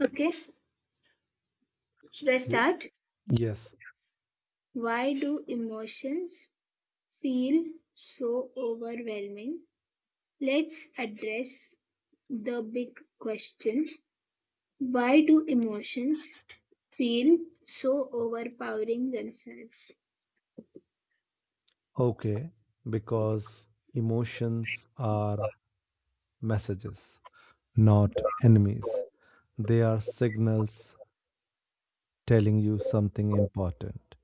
Okay, should I W- start? Yes, Why do emotions feel so overwhelming? Let's address the big questions. Why do emotions feel so overpowering themselves? okay, because emotions are messages, not enemies. They are signals telling you something important.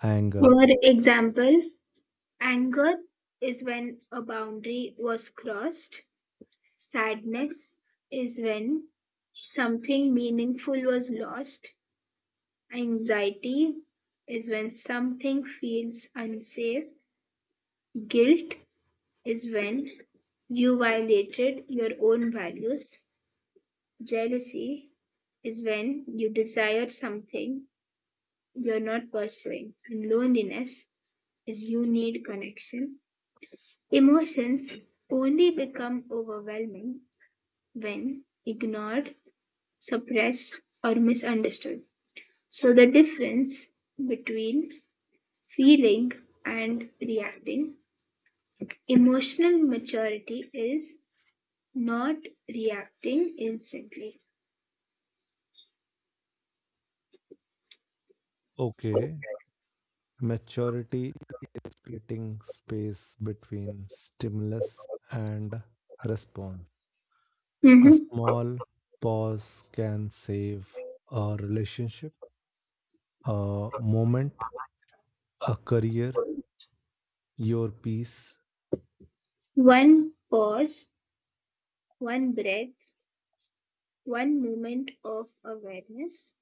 Anger, For example, anger is when a boundary was crossed, sadness is when something meaningful was lost, anxiety is when something feels unsafe. Guilt is when you violated your own values. Jealousy is when you desire something you're not pursuing. And loneliness is you need connection. Emotions only become overwhelming when ignored, suppressed, or misunderstood. So the difference between feeling and reacting. Emotional maturity is not reacting instantly. okay, maturity is creating space between stimulus and response. A Mhm. small pause can save a relationship, a moment, a career, your peace. One pause, one breath, one moment of awareness,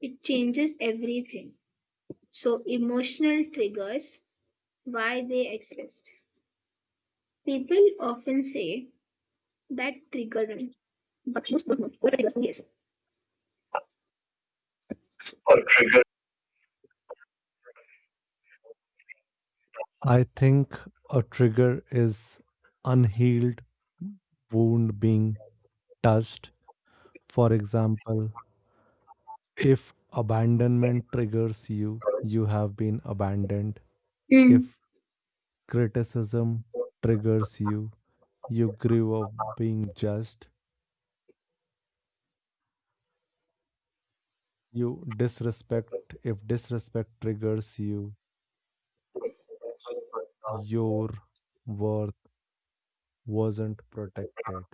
it changes everything. So, emotional triggers, why they exist. People often say that triggered me, but most don't know what a trigger really is. Or I think a trigger is unhealed wound being touched. For example, if abandonment triggers you, triggers. you have been abandoned. Mm. If criticism triggers you, you grew up being judged. You disrespect, if disrespect triggers you, your worth wasn't protected.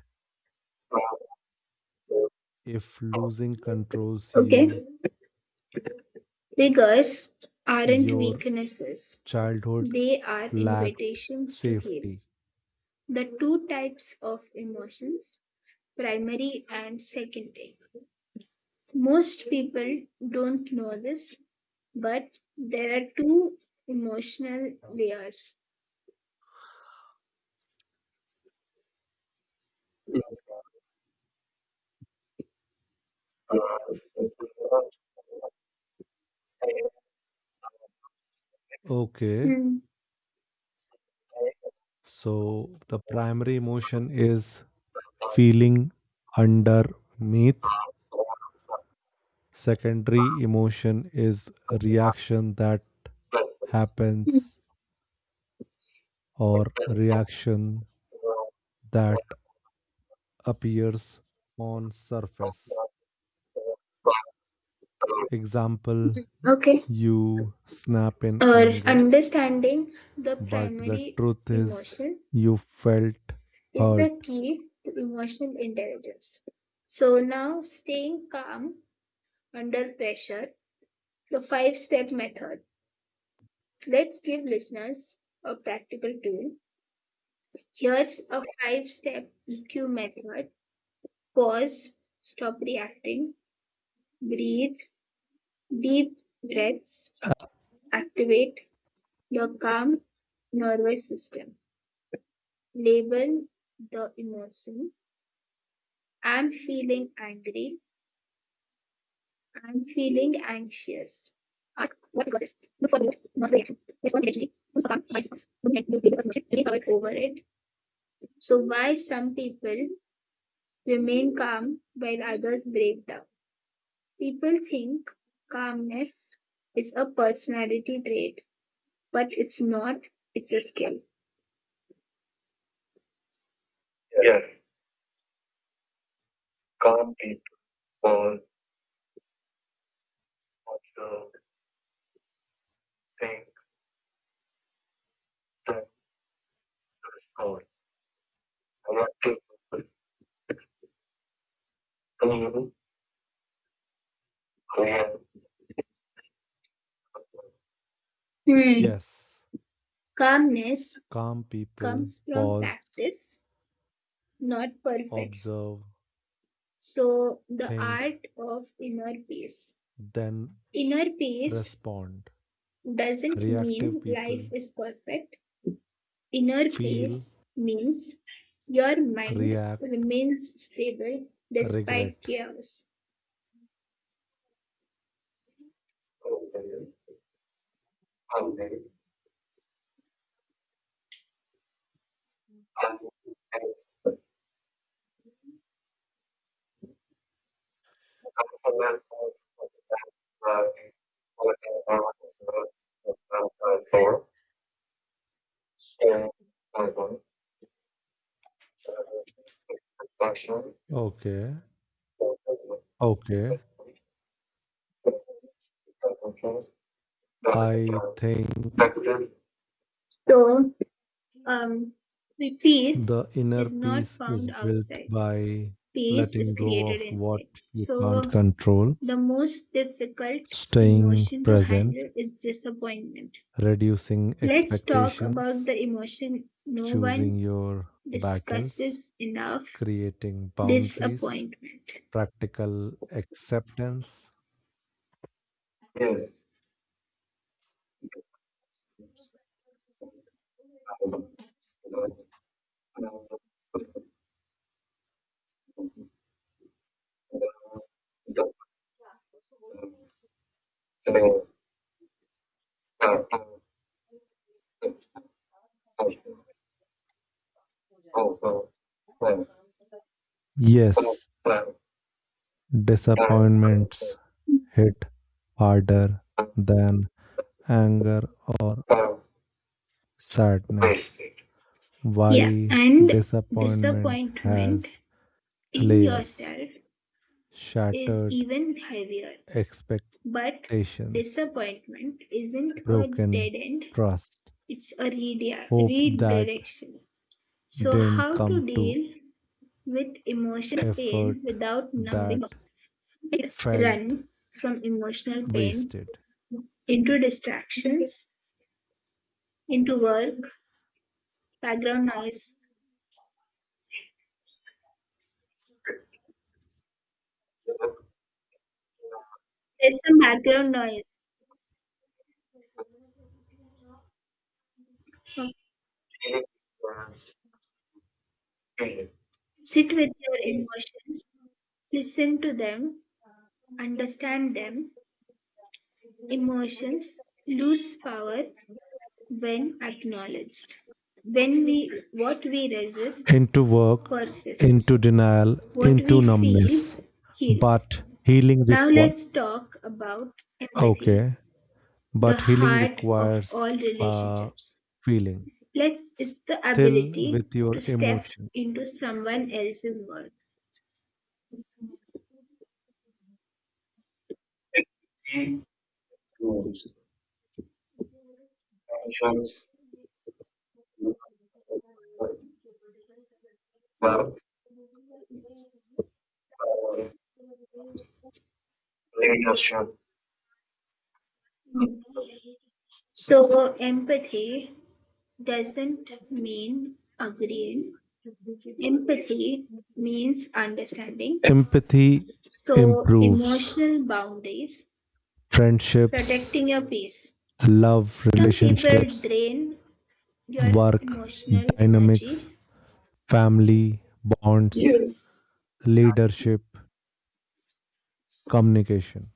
If losing controls Okay, you, triggers aren't your weaknesses, Childhood they are lacked invitations to heal. safety. The two types of emotions, primary and secondary. Most people don't know this, but there are two emotional layers. Okay, Hmm. so the primary emotion is feeling underneath. Secondary emotion is reaction that happens or reaction that appears on surface. Example, Okay. you snap in anger, Understanding the but the primary truth is emotion you felt is hurt. the key to emotional intelligence. So now, staying calm under pressure, the five step method. Let's give listeners a practical tool. Here's a five step EQ method: pause, stop reacting, breathe, deep breaths, activate the calm nervous system, label the emotion. I'm feeling angry. I'm feeling anxious. Ask what got it. Look for root, not the reaction. Respond immediately. Do calm, my response. Don't get you label the emotion. Really over it. So why some people remain calm while others break down? People think calmness is a personality trait, but it's not. It's a skill. Yes, calm people are also thing that is called. Hmm. Yes, Calmness Calm people comes from pause, practice, not perfection. observe, So, the think, art of inner peace. then Inner peace respond. doesn't Reactive mean life people is perfect. Inner feel, peace means your mind react, remains stable despite regret. chaos. Thor and Amazon, its production. Okay. Okay. I think So, um, peace the inner is not peace is found built outside. by Peace is letting go created of what inside. you can't So, control, the most difficult staying emotion to present, handle is disappointment. reducing Let's talk about expectations, the emotion no choosing one your battles, discusses enough, creating boundaries, disappointment. practical acceptance. Yes. Yes, disappointments hit harder than anger or sadness. Yeah, Why and disappointment disappointment has in layers, yourself is shattered even heavier. But expectations, disappointment isn't a broken dead end, trust, it's a hope that redirection. So, didn't how come to to deal with emotional pain effort without numbing that yourself? felt Run from emotional pain wasted. into distractions, into work, background noise. There's some background noise. Sit with your emotions, listen to them, understand them. Emotions lose power when acknowledged. When we what we resist Into work, into persists. denial, What into we feel numbness. heals. But healing Now requires let's talk about empathy, Okay, the but healing heart of all requires relationships. feeling Let's it's the still ability with your to step emotion. into someone else's world. Leadership. So, empathy doesn't mean agreeing. Empathy means understanding. Empathy So, improves emotional boundaries, friendships, protecting your peace. love Some people relationships, drain your work emotional dynamics, energy. family bonds, leadership, communication.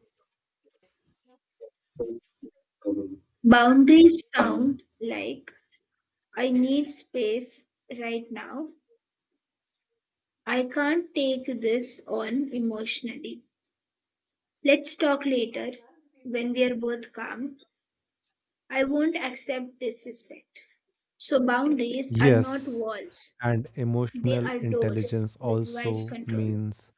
Boundaries sound like I need space right now. I can't take this on emotionally. Let's talk later when we are both calm. I won't accept disrespect. So boundaries are not Yes, walls, and they emotional are doors intelligence with wise also control. means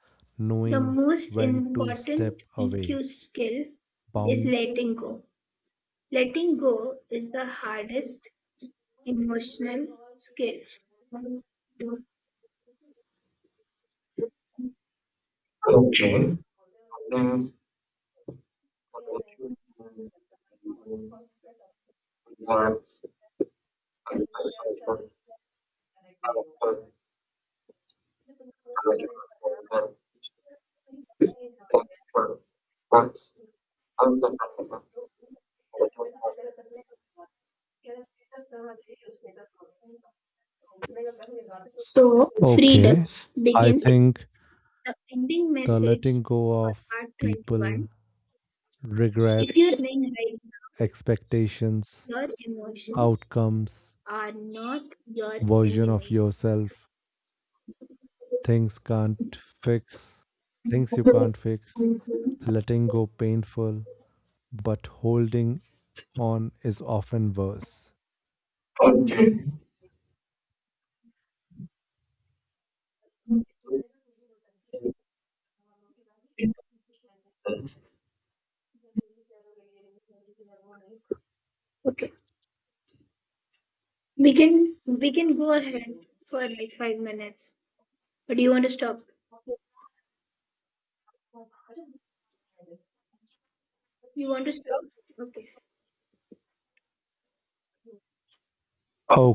The knowing most when to step important away. EQ skill is Bound. letting go. Letting go is the hardest emotional skill. Okay. Then what's also performance. So, freedom Okay. I begins with think the ending the message letting go for of part people, 21. If you're regrets, listening right now, expectations, your emotions outcomes, are not your version of enemy. yourself, things can't fix, things you can't fix, letting go painful, but holding on is often worse. Okay. Okay. We can go ahead for like 5 minutes. But do you want to stop? You want to stop? Okay.